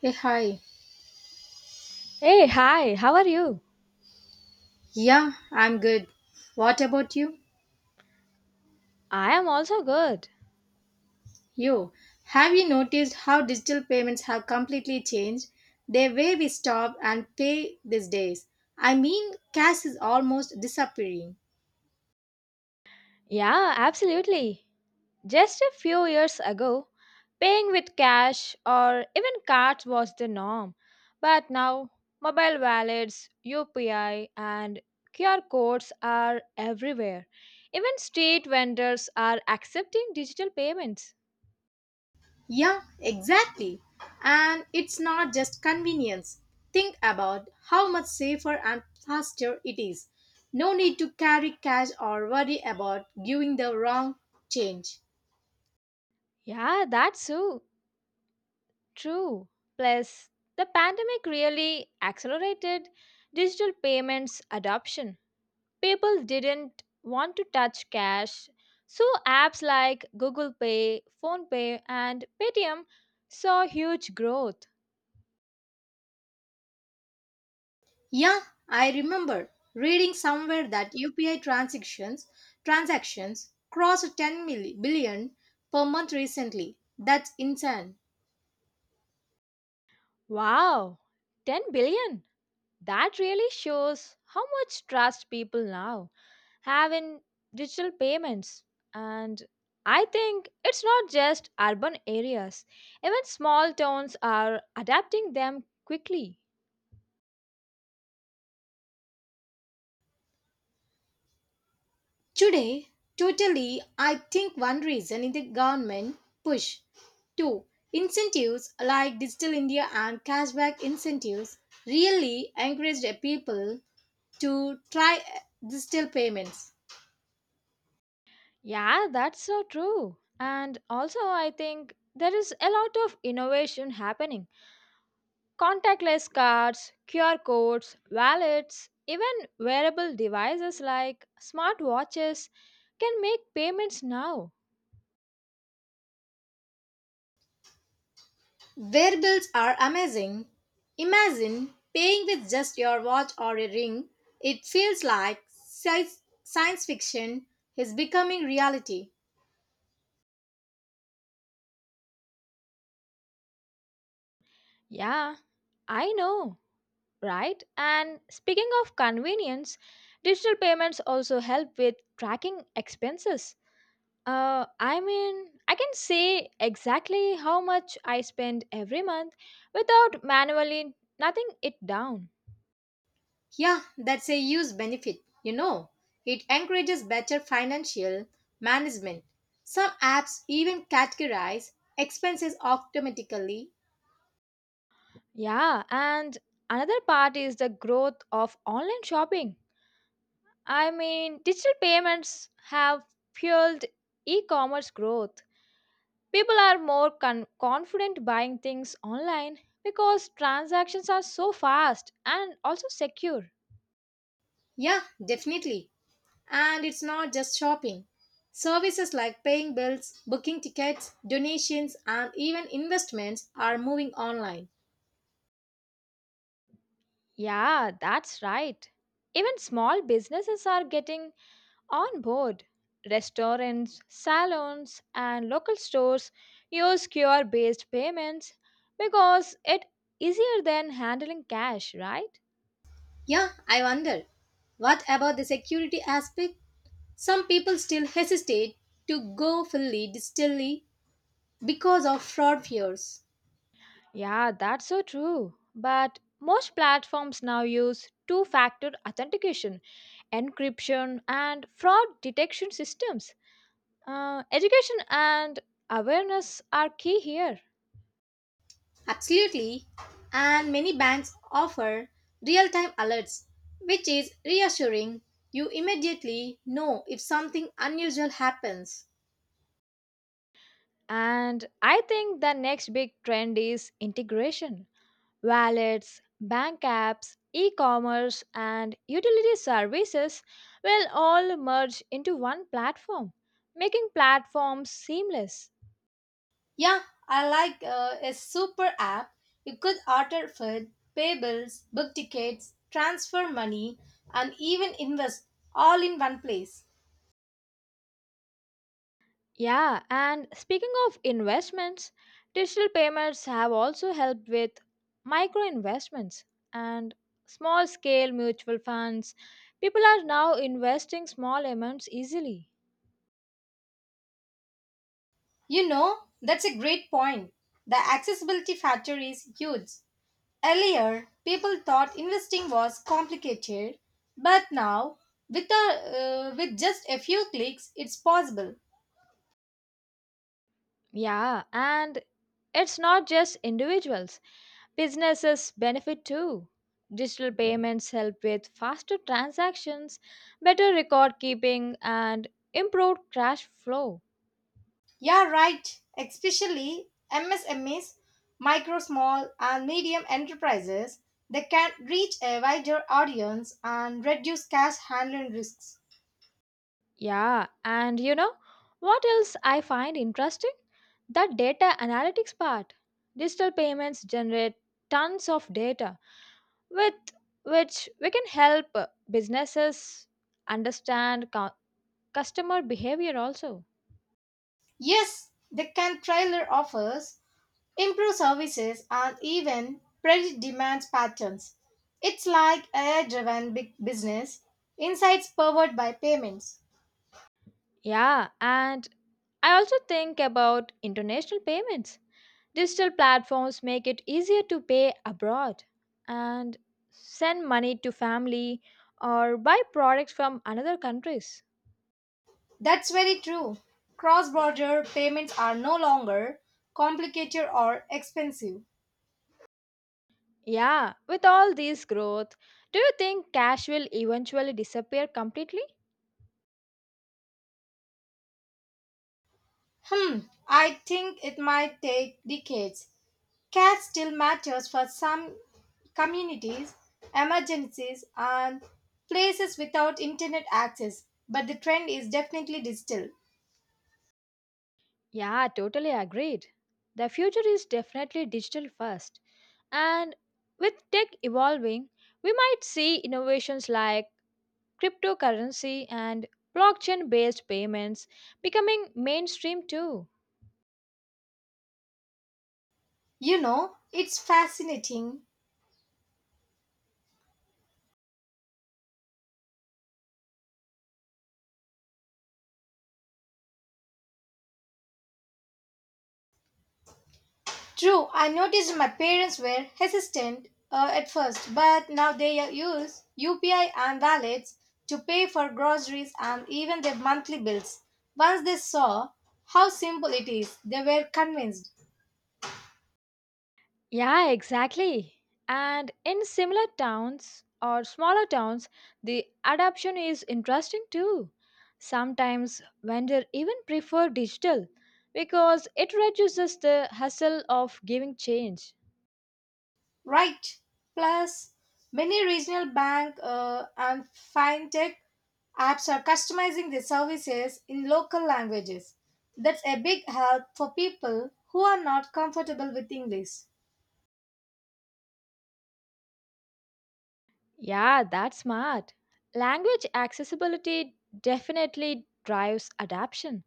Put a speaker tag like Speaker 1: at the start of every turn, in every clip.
Speaker 1: Hey, hi.
Speaker 2: Hey, hi, how are you?
Speaker 1: Yeah, I'm good. What about you?
Speaker 2: I am also good.
Speaker 1: You. Have you noticed how digital payments have completely changed the way we stop and pay these days? I mean, cash is almost disappearing.
Speaker 2: Yeah, absolutely. Just a few years ago, paying with cash or even cards was the norm. But now, mobile wallets, UPI, and QR codes are everywhere. Even street vendors are accepting digital payments.
Speaker 1: Yeah, exactly. And it's not just convenience. Think about how much safer and faster it is. No need to carry cash or worry about giving the wrong change.
Speaker 2: Yeah, that's so true. Plus, the pandemic really accelerated digital payments adoption. People didn't want to touch cash. So apps like Google Pay, PhonePay and Paytm saw huge growth.
Speaker 1: Yeah, I remember reading somewhere that UPI transactions crossed 10 billion per month recently. That's insane.
Speaker 2: Wow, 10 billion. That really shows how much trust people now have in digital payments. And I think it's not just urban areas. Even small towns are adapting them quickly.
Speaker 1: Today, totally, I think one reason is the government push. Two, incentives like Digital India and cashback incentives really encouraged people to try digital payments.
Speaker 2: Yeah, that's so true. And also, I think there is a lot of innovation happening. Contactless cards, QR codes, wallets, even wearable devices like smartwatches can make payments now.
Speaker 1: Their bills are amazing. Imagine paying with just your watch or a ring. It feels like science fiction is becoming reality.
Speaker 2: Yeah, I know, right? And speaking of convenience, digital payments also help with tracking expenses. I mean, I can say exactly how much I spend every month without manually nothing it down.
Speaker 1: Yeah, that's a huge benefit. You know, it encourages better financial management. Some apps even categorize expenses automatically.
Speaker 2: Yeah, and another part is the growth of online shopping. I mean, digital payments have fueled e commerce growth. People are more confident buying things online because transactions are so fast and also secure.
Speaker 1: Yeah, definitely. And it's not just shopping. Services like paying bills, booking tickets, donations, and even investments are moving online.
Speaker 2: Yeah, that's right. Even small businesses are getting on board, restaurants, salons, and local stores use QR based payments because it easier than handling cash, right?
Speaker 1: Yeah, I wonder. What about the security aspect? Some people still hesitate to go fully digitally because of fraud fears.
Speaker 2: Yeah, that's so true. But most platforms now use two factor authentication, encryption, and fraud detection systems. Education and awareness are key here.
Speaker 1: Absolutely. And many banks offer real time alerts, which is reassuring. You immediately know if something unusual happens.
Speaker 2: And I think the next big trend is integration. Wallets, bank apps, e commerce, and utility services will all merge into one platform, making platforms seamless.
Speaker 1: Yeah, I like a super app. You could order food, pay bills, book tickets, transfer money, and even invest all in one place.
Speaker 2: Yeah, and speaking of investments, digital payments have also helped with micro investments and small scale mutual funds. People are now investing small amounts easily.
Speaker 1: You know, that's a great point. The accessibility factor is huge. Earlier, people thought investing was complicated, but now, with just a few clicks, it's possible.
Speaker 2: Yeah, and it's not just individuals. Businesses benefit too. Digital payments help with faster transactions, better record keeping, and improved cash flow.
Speaker 1: Yeah, right. Especially MSMEs, micro, small, and medium enterprises, they can reach a wider audience and reduce cash handling risks.
Speaker 2: Yeah, and you know what else I find interesting? The data analytics part. Digital payments generate tons of data with which we can help businesses understand customer behavior also.
Speaker 1: Yes, they can tailor offers, improve services, and even predict demand patterns. It's like AI driven big business, insights powered by payments.
Speaker 2: Yeah, and I also think about international payments. Digital platforms make it easier to pay abroad and send money to family or buy products from another countries.
Speaker 1: That's very true. Cross border payments are no longer complicated or expensive.
Speaker 2: Yeah, with all this growth, do you think cash will eventually disappear completely?
Speaker 1: Hmm, I think it might take decades. Care still matters for some communities, emergencies, and places without internet access, but the trend is definitely digital.
Speaker 2: Yeah, totally agreed. The future is definitely digital first. And with tech evolving, we might see innovations like cryptocurrency, and blockchain based payments becoming mainstream too.
Speaker 1: You know, it's fascinating. True, I noticed my parents were hesitant at first, but now they use UPI and wallets to pay for groceries and even their monthly bills. Once they saw how simple it is, they were convinced.
Speaker 2: Yeah, exactly. And in similar towns or smaller towns, the adoption is interesting too. Sometimes vendors even prefer digital because it reduces the hassle of giving change.
Speaker 1: Right. Plus, many regional bank and fintech apps are customizing their services in local languages. That's a big help for people who are not comfortable with English.
Speaker 2: Yeah, that's smart. Language accessibility definitely drives adoption.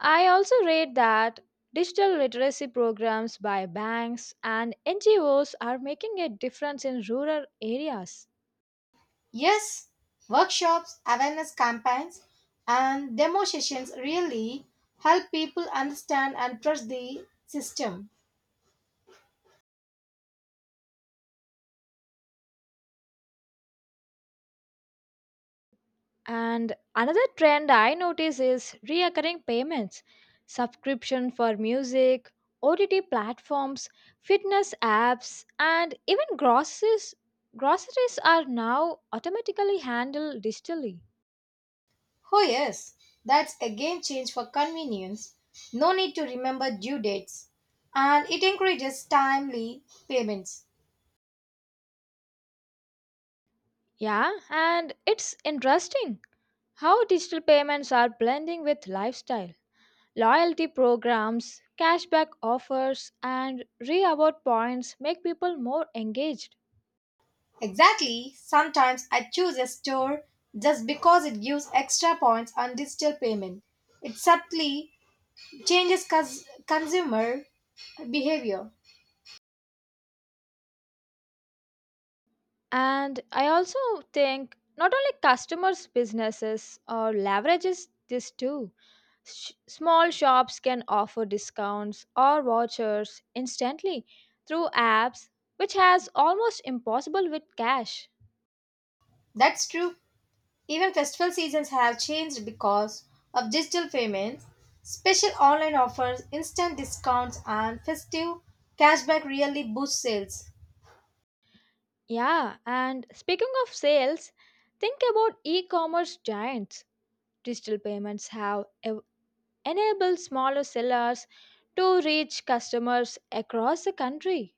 Speaker 2: I also read that digital literacy programs by banks and NGOs are making a difference in rural areas.
Speaker 1: Yes, workshops, awareness campaigns, and demo sessions really help people understand and trust the system.
Speaker 2: And another trend I notice is reoccurring payments, subscription for music, OTT platforms, fitness apps, and even groceries. Groceries are now automatically handled digitally.
Speaker 1: Oh, yes, that's a game change for convenience. No need to remember due dates. And it encourages timely payments.
Speaker 2: Yeah, and it's interesting how digital payments are blending with lifestyle. Loyalty programs, cashback offers, and reward points make people more engaged.
Speaker 1: Exactly, sometimes I choose a store just because it gives extra points on digital payment. It subtly changes consumer behavior.
Speaker 2: And I also think not only customers, businesses or leverages this too. Small shops can offer discounts or vouchers instantly through apps, which has almost impossible with cash.
Speaker 1: That's true. Even festival seasons have changed because of digital payments, special online offers, instant discounts, and festive cashback really boost sales.
Speaker 2: Yeah, and speaking of sales, think about e-commerce giants. Digital payments have enable smaller sellers to reach customers across the country.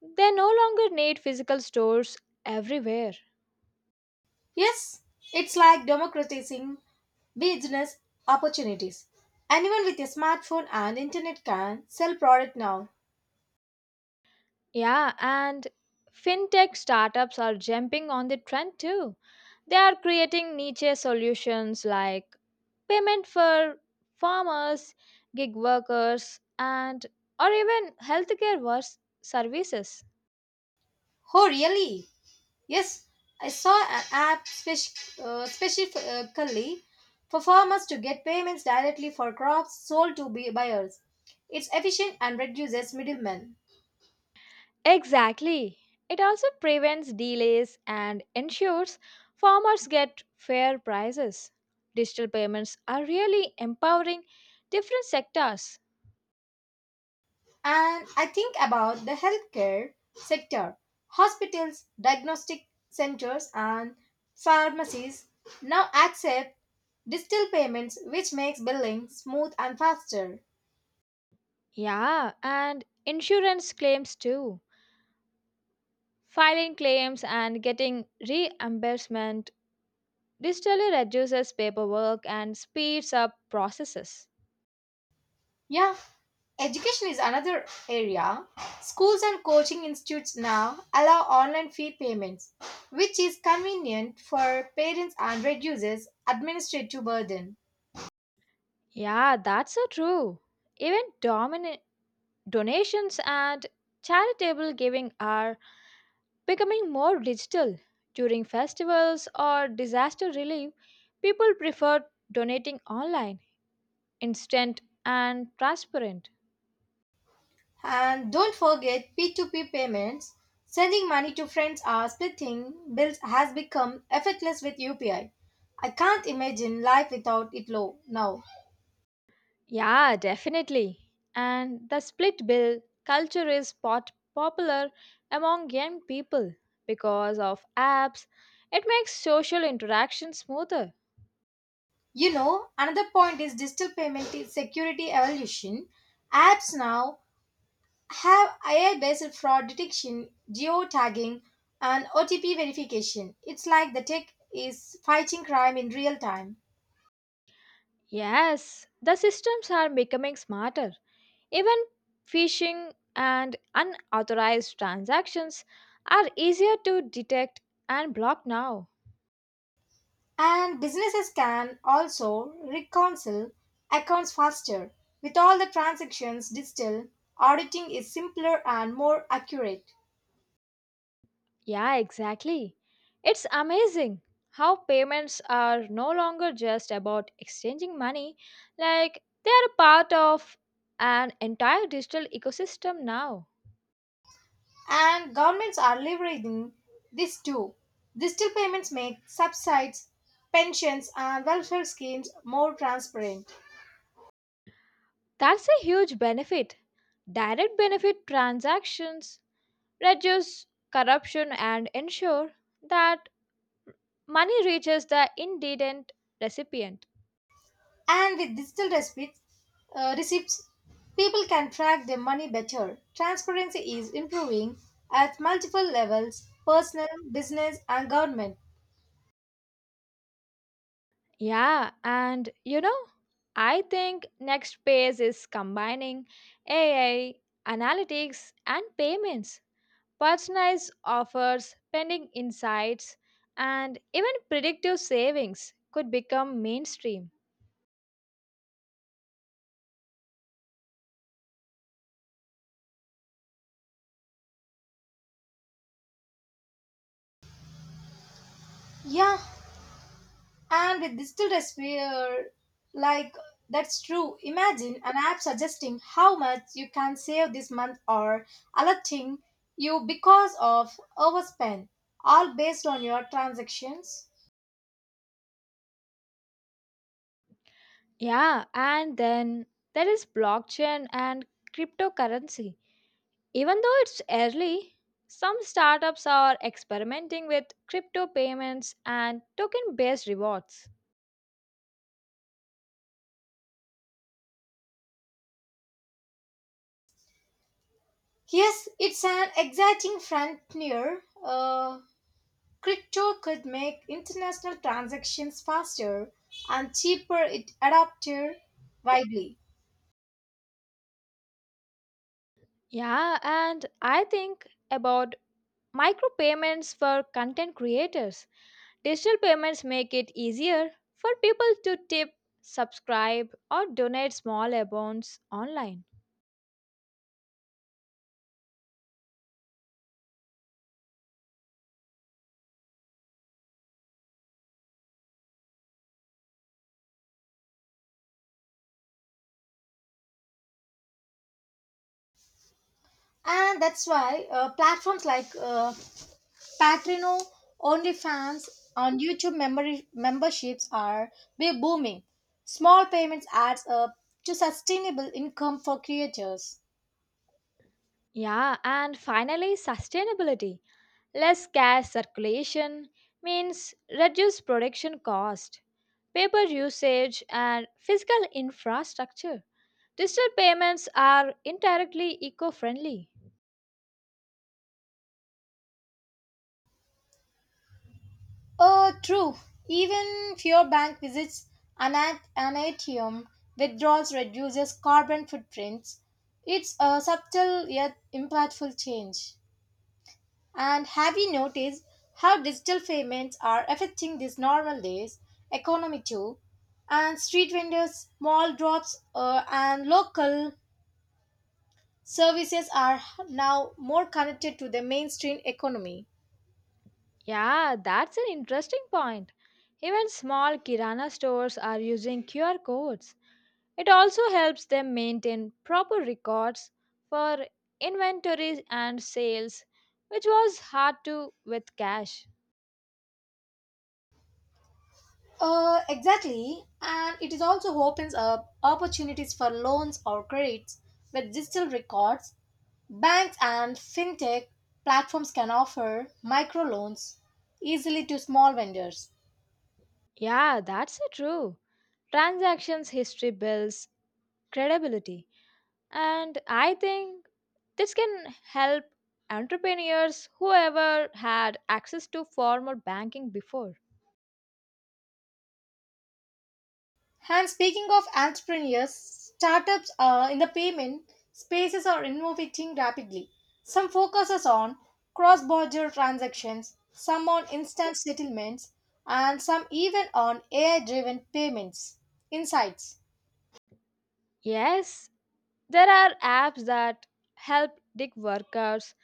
Speaker 2: They no longer need physical stores everywhere.
Speaker 1: Yes, it's like democratizing business opportunities. Anyone with a smartphone and internet can sell product now.
Speaker 2: Yeah, and fintech startups are jumping on the trend too. They are creating niche solutions like payment for farmers, gig workers, and or even healthcare services.
Speaker 1: Oh, really? Yes, I saw an app specifically for farmers to get payments directly for crops sold to buyers. It's efficient and reduces middlemen.
Speaker 2: Exactly. It also prevents delays and ensures farmers get fair prices. Digital payments are really empowering different sectors.
Speaker 1: And I think about the healthcare sector. Hospitals, diagnostic centers, and pharmacies now accept digital payments, which makes billing smooth and faster.
Speaker 2: Yeah, and insurance claims too. Filing claims and getting reimbursement digitally reduces paperwork and speeds up processes.
Speaker 1: Yeah, education is another area. Schools and coaching institutes now allow online fee payments, which is convenient for parents and reduces administrative burden.
Speaker 2: Yeah, that's so true. Even donations and charitable giving are becoming more digital. During festivals or disaster relief, people prefer donating online, instant and transparent.
Speaker 1: And don't forget P2P payments. Sending money to friends or splitting bills has become effortless with UPI. I can't imagine life without it low now.
Speaker 2: Yeah, definitely. And the split bill culture is popular among young people because of apps. It makes social interaction smoother.
Speaker 1: You know, another point is digital payment is security evolution. Apps now have AI-based fraud detection, geo-tagging, and OTP verification. It's like the tech is fighting crime in real time.
Speaker 2: Yes, the systems are becoming smarter. Even phishing and unauthorized transactions are easier to detect and block now.
Speaker 1: And businesses can also reconcile accounts faster. With all the transactions digital, auditing is simpler and more accurate.
Speaker 2: Yeah, exactly. It's amazing how payments are no longer just about exchanging money, like they are part of an entire digital ecosystem now.
Speaker 1: And governments are leveraging this too. Digital payments make subsidies, pensions, and welfare schemes more transparent.
Speaker 2: That's a huge benefit. Direct benefit transactions reduce corruption and ensure that money reaches the indigent recipient.
Speaker 1: And with digital receipts, uh, receipts, people can track their money better. Transparency is improving at multiple levels personal, business, and government.
Speaker 2: Yeah, and I think next phase is combining AI, analytics, and payments, personalized offers, pending insights, and even predictive savings could become mainstream.
Speaker 1: Yeah, and with digital recipe, like that's true. Imagine an app suggesting how much you can save this month or alerting you because of overspend, all based on your transactions.
Speaker 2: Yeah, and then there is blockchain and cryptocurrency. Even though it's early, some startups are experimenting with crypto payments and token based rewards.
Speaker 1: Yes, it's an exciting frontier. Crypto could make international transactions faster and cheaper it adopted widely.
Speaker 2: Yeah, and I think about micropayments for content creators. Digital payments make it easier for people to tip, subscribe, or donate small amounts online.
Speaker 1: And that's why platforms like Patreon, OnlyFans, and YouTube memberships are be booming. Small payments adds up to sustainable income for creators.
Speaker 2: Yeah, and finally, sustainability. Less cash circulation means reduced production cost, paper usage, and physical infrastructure. Digital payments are indirectly eco friendly.
Speaker 1: True. Even fewer bank visits, an ATM withdrawals reduces carbon footprints. It's a subtle yet impactful change. And have you noticed how digital payments are affecting these normal days economy too? And street vendors, mall drops, and local services are now more connected to the mainstream economy.
Speaker 2: Yeah, that's an interesting point. Even small Kirana stores are using QR codes. It also helps them maintain proper records for inventories and sales, which was hard to with cash.
Speaker 1: Exactly, and it is also opens up opportunities for loans or credits with digital records. Banks and fintech platforms can offer microloans easily to small vendors.
Speaker 2: Yeah, that's so true. Transactions history builds credibility. And I think this can help entrepreneurs whoever had access to formal banking before.
Speaker 1: And speaking of entrepreneurs, startups in the payment spaces are innovating rapidly. Some focuses on cross-border transactions, some on instant settlements, and some even on AI-driven payments. Insights.
Speaker 2: Yes, there are apps that help gig workers,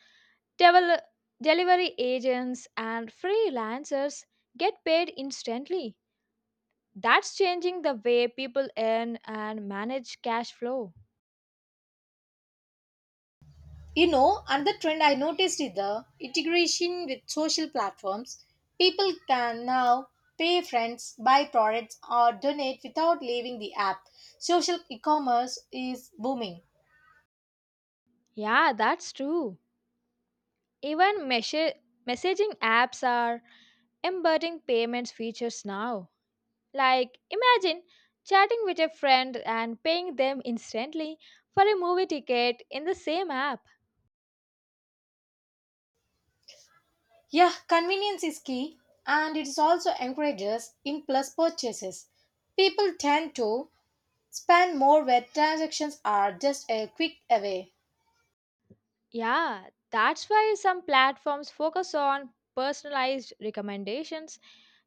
Speaker 2: devel- delivery agents, and freelancers get paid instantly. That's changing the way people earn and manage cash flow.
Speaker 1: You know, another trend I noticed is the integration with social platforms. People can now pay friends, buy products, or donate without leaving the app. Social e commerce is booming.
Speaker 2: Yeah, that's true. Even messaging apps are embedding payments features now. Like, imagine chatting with a friend and paying them instantly for a movie ticket in the same app.
Speaker 1: Yeah, convenience is key, and it is also encourages impulse purchases. People tend to spend more where transactions are just a quick away.
Speaker 2: Yeah, that's why some platforms focus on personalized recommendations.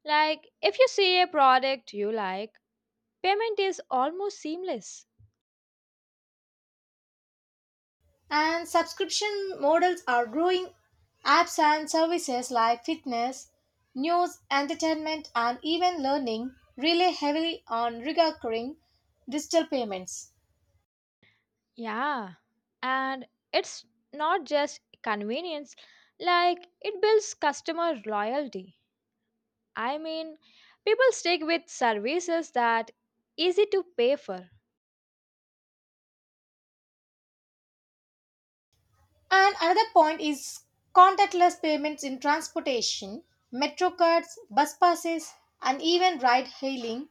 Speaker 2: Like, if you see a product you like, payment is almost seamless.
Speaker 1: And subscription models are growing. Apps and services like fitness, news, entertainment, and even learning rely heavily on recurring digital payments.
Speaker 2: Yeah, and it's not just convenience, like it builds customer loyalty. I mean, people stick with services that easy to pay for.
Speaker 1: And another point is contactless payments in transportation, metro cards, bus passes, and even ride hailing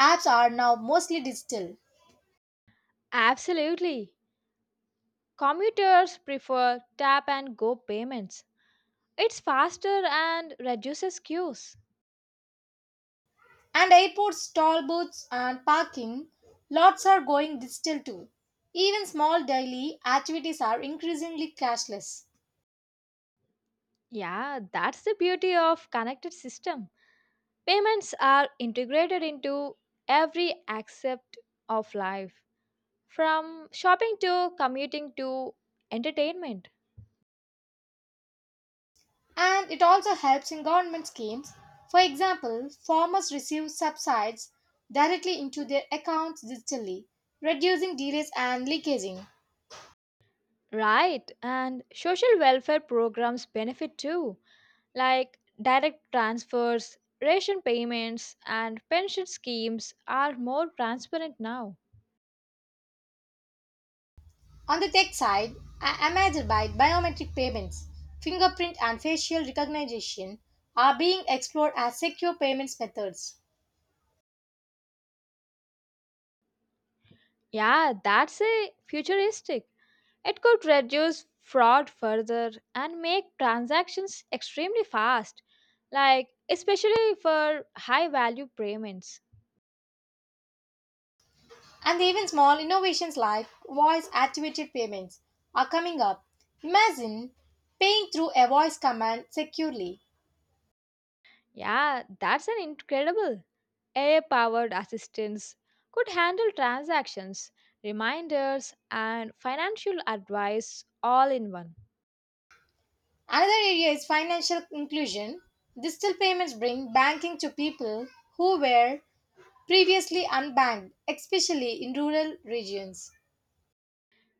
Speaker 1: apps are now mostly digital.
Speaker 2: Absolutely. Commuters prefer tap and go payments. It's faster and reduces queues.
Speaker 1: And airports, toll booths, and parking lots are going digital too. Even small daily activities are increasingly cashless.
Speaker 2: Yeah, that's the beauty of connected system. Payments are integrated into every aspect of life. From shopping to commuting to entertainment.
Speaker 1: And it also helps in government schemes. For example, farmers receive subsidies directly into their accounts digitally, reducing delays and leakaging.
Speaker 2: Right, and social welfare programs benefit too, like direct transfers, ration payments, and pension schemes are more transparent now.
Speaker 1: On the tech side, Amazon by biometric payments, fingerprint and facial recognition are being explored as secure payments methods.
Speaker 2: Yeah, that's a futuristic. It could reduce fraud further and make transactions extremely fast, like especially for high value payments.
Speaker 1: And even small innovations like voice activated payments are coming up. Imagine paying through a voice command securely.
Speaker 2: Yeah, that's an incredible. AI powered assistants could handle transactions, reminders, and financial advice all in one.
Speaker 1: Another area is financial inclusion. Digital payments bring banking to people who were previously unbanked, especially in rural regions.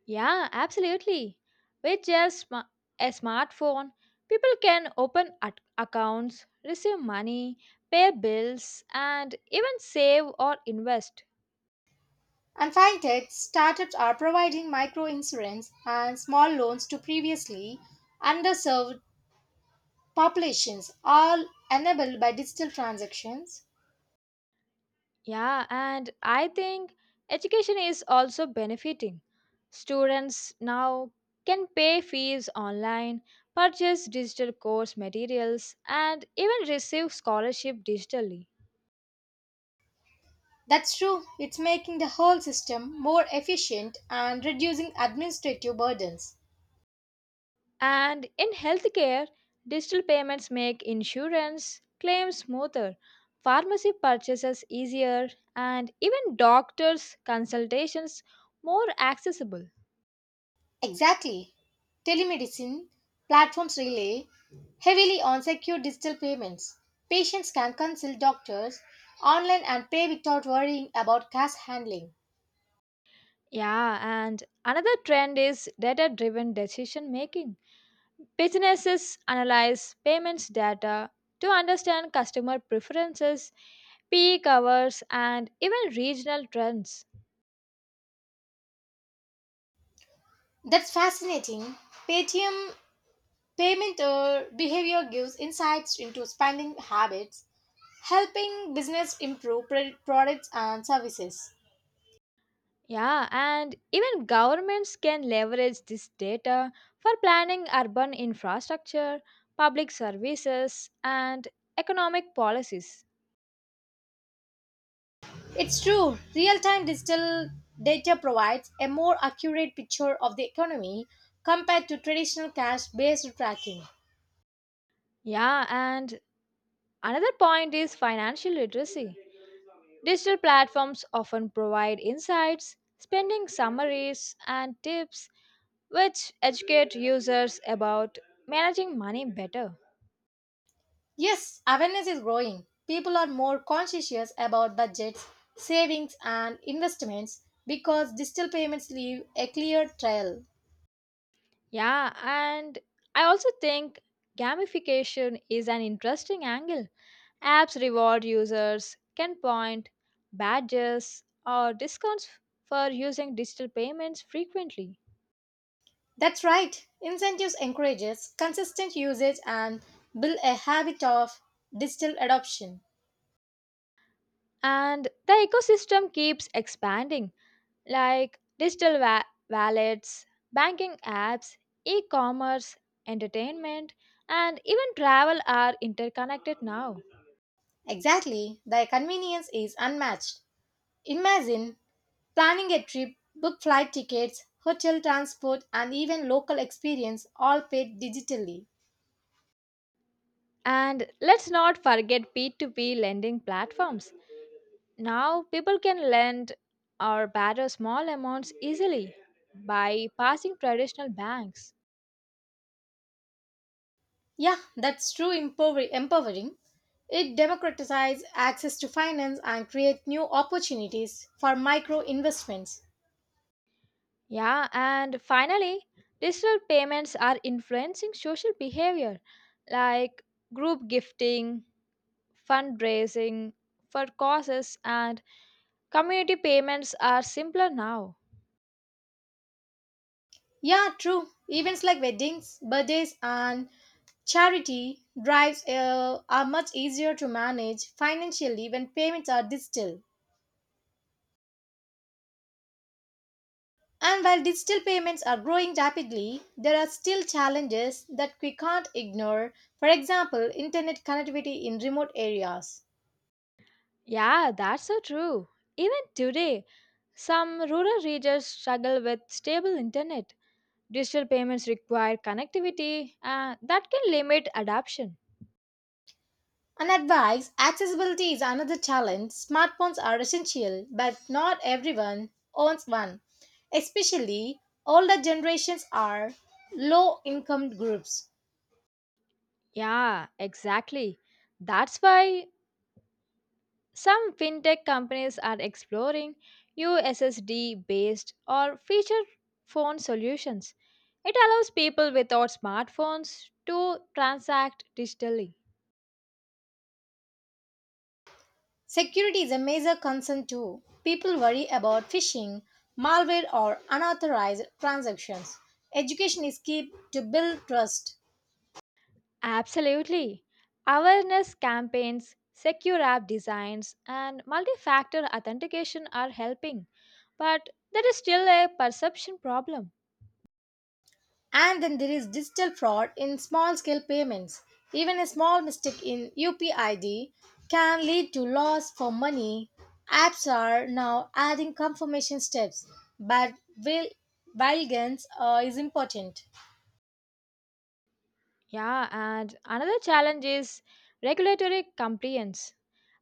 Speaker 2: Yeah, absolutely. With just a smartphone, people can open accounts, receive money, pay bills, and even save or invest.
Speaker 1: And fintech startups are providing micro insurance and small loans to previously underserved populations, all enabled by digital transactions.
Speaker 2: Yeah, and I think education is also benefiting. Students now can pay fees online, purchase digital course materials, and even receive scholarship digitally.
Speaker 1: That's true, it's making the whole system more efficient and reducing administrative burdens.
Speaker 2: And in healthcare, digital payments make insurance claims smoother, pharmacy purchases easier, and even doctors' consultations more accessible.
Speaker 1: Exactly. Telemedicine platforms rely heavily on secure digital payments. Patients can consult doctors online and pay without worrying about cash handling.
Speaker 2: Yeah, and another trend is data driven decision making. Businesses analyze payments data to understand customer preferences, peak hours, and even regional trends.
Speaker 1: That's fascinating. Paytm Payment behavior gives insights into spending habits, helping business improve products and services.
Speaker 2: Yeah, and even governments can leverage this data for planning urban infrastructure, public services, and economic policies.
Speaker 1: It's true. Real time digital data provides a more accurate picture of the economy compared to traditional cash based tracking.
Speaker 2: Yeah, and another point is financial literacy. Digital platforms often provide insights, spending summaries, and tips which educate users about managing money better.
Speaker 1: Yes, awareness is growing. People are more conscientious about budgets, savings, and investments because digital payments leave a clear trail.
Speaker 2: Yeah, and I also think gamification is an interesting angle. Apps reward users can point badges or discounts for using digital payments frequently.
Speaker 1: That's right. Incentives encourages consistent usage and build a habit of digital adoption.
Speaker 2: And the ecosystem keeps expanding, like digital wallets, banking apps, e commerce, entertainment, and even travel are interconnected now.
Speaker 1: Exactly. The convenience is unmatched. Imagine planning a trip, book flight tickets, hotel transport, and even local experience all paid digitally.
Speaker 2: And let's not forget P2P lending platforms. Now people can lend or borrow small amounts easily by passing traditional banks.
Speaker 1: Yeah, that's true empowering. It democratizes access to finance and creates new opportunities for micro investments.
Speaker 2: Yeah, and finally, digital payments are influencing social behavior like group gifting, fundraising for causes, and community payments are simpler now.
Speaker 1: Yeah, true. Events like weddings, birthdays, and charity drives are much easier to manage financially when payments are digital. And while digital payments are growing rapidly, there are still challenges that we can't ignore. For example, internet connectivity in remote areas.
Speaker 2: Yeah, that's so true. Even today, some rural regions struggle with stable internet. Digital payments require connectivity that can limit adoption.
Speaker 1: And advice accessibility is another challenge. Smartphones are essential, but not everyone owns one. Especially older generations are low income groups.
Speaker 2: Yeah, exactly. That's why some fintech companies are exploring USSD based or feature phone solutions. It allows people without smartphones to transact digitally.
Speaker 1: Security is a major concern too. People worry about phishing, malware, or unauthorized transactions. Education is key to build trust.
Speaker 2: Absolutely. Awareness campaigns, secure app designs, and multi factor authentication are helping, but there is still a perception problem.
Speaker 1: And then there is digital fraud in small scale payments. Even a small mistake in UPID can lead to loss for money. Apps are now adding confirmation steps, but vigilance is important.
Speaker 2: Yeah, and another challenge is regulatory compliance.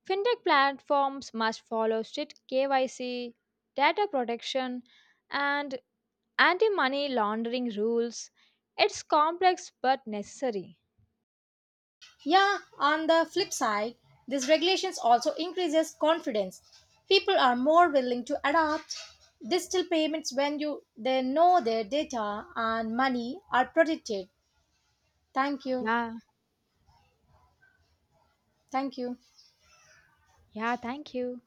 Speaker 2: Fintech platforms must follow strict KYC, data protection, and anti money laundering rules. It's complex but necessary.
Speaker 1: Yeah, on the flip side, these regulations also increases confidence. People are more willing to adopt digital payments when you they know their data and money are protected. Thank you.
Speaker 2: Yeah,
Speaker 1: Thank you.
Speaker 2: yeah, thank you.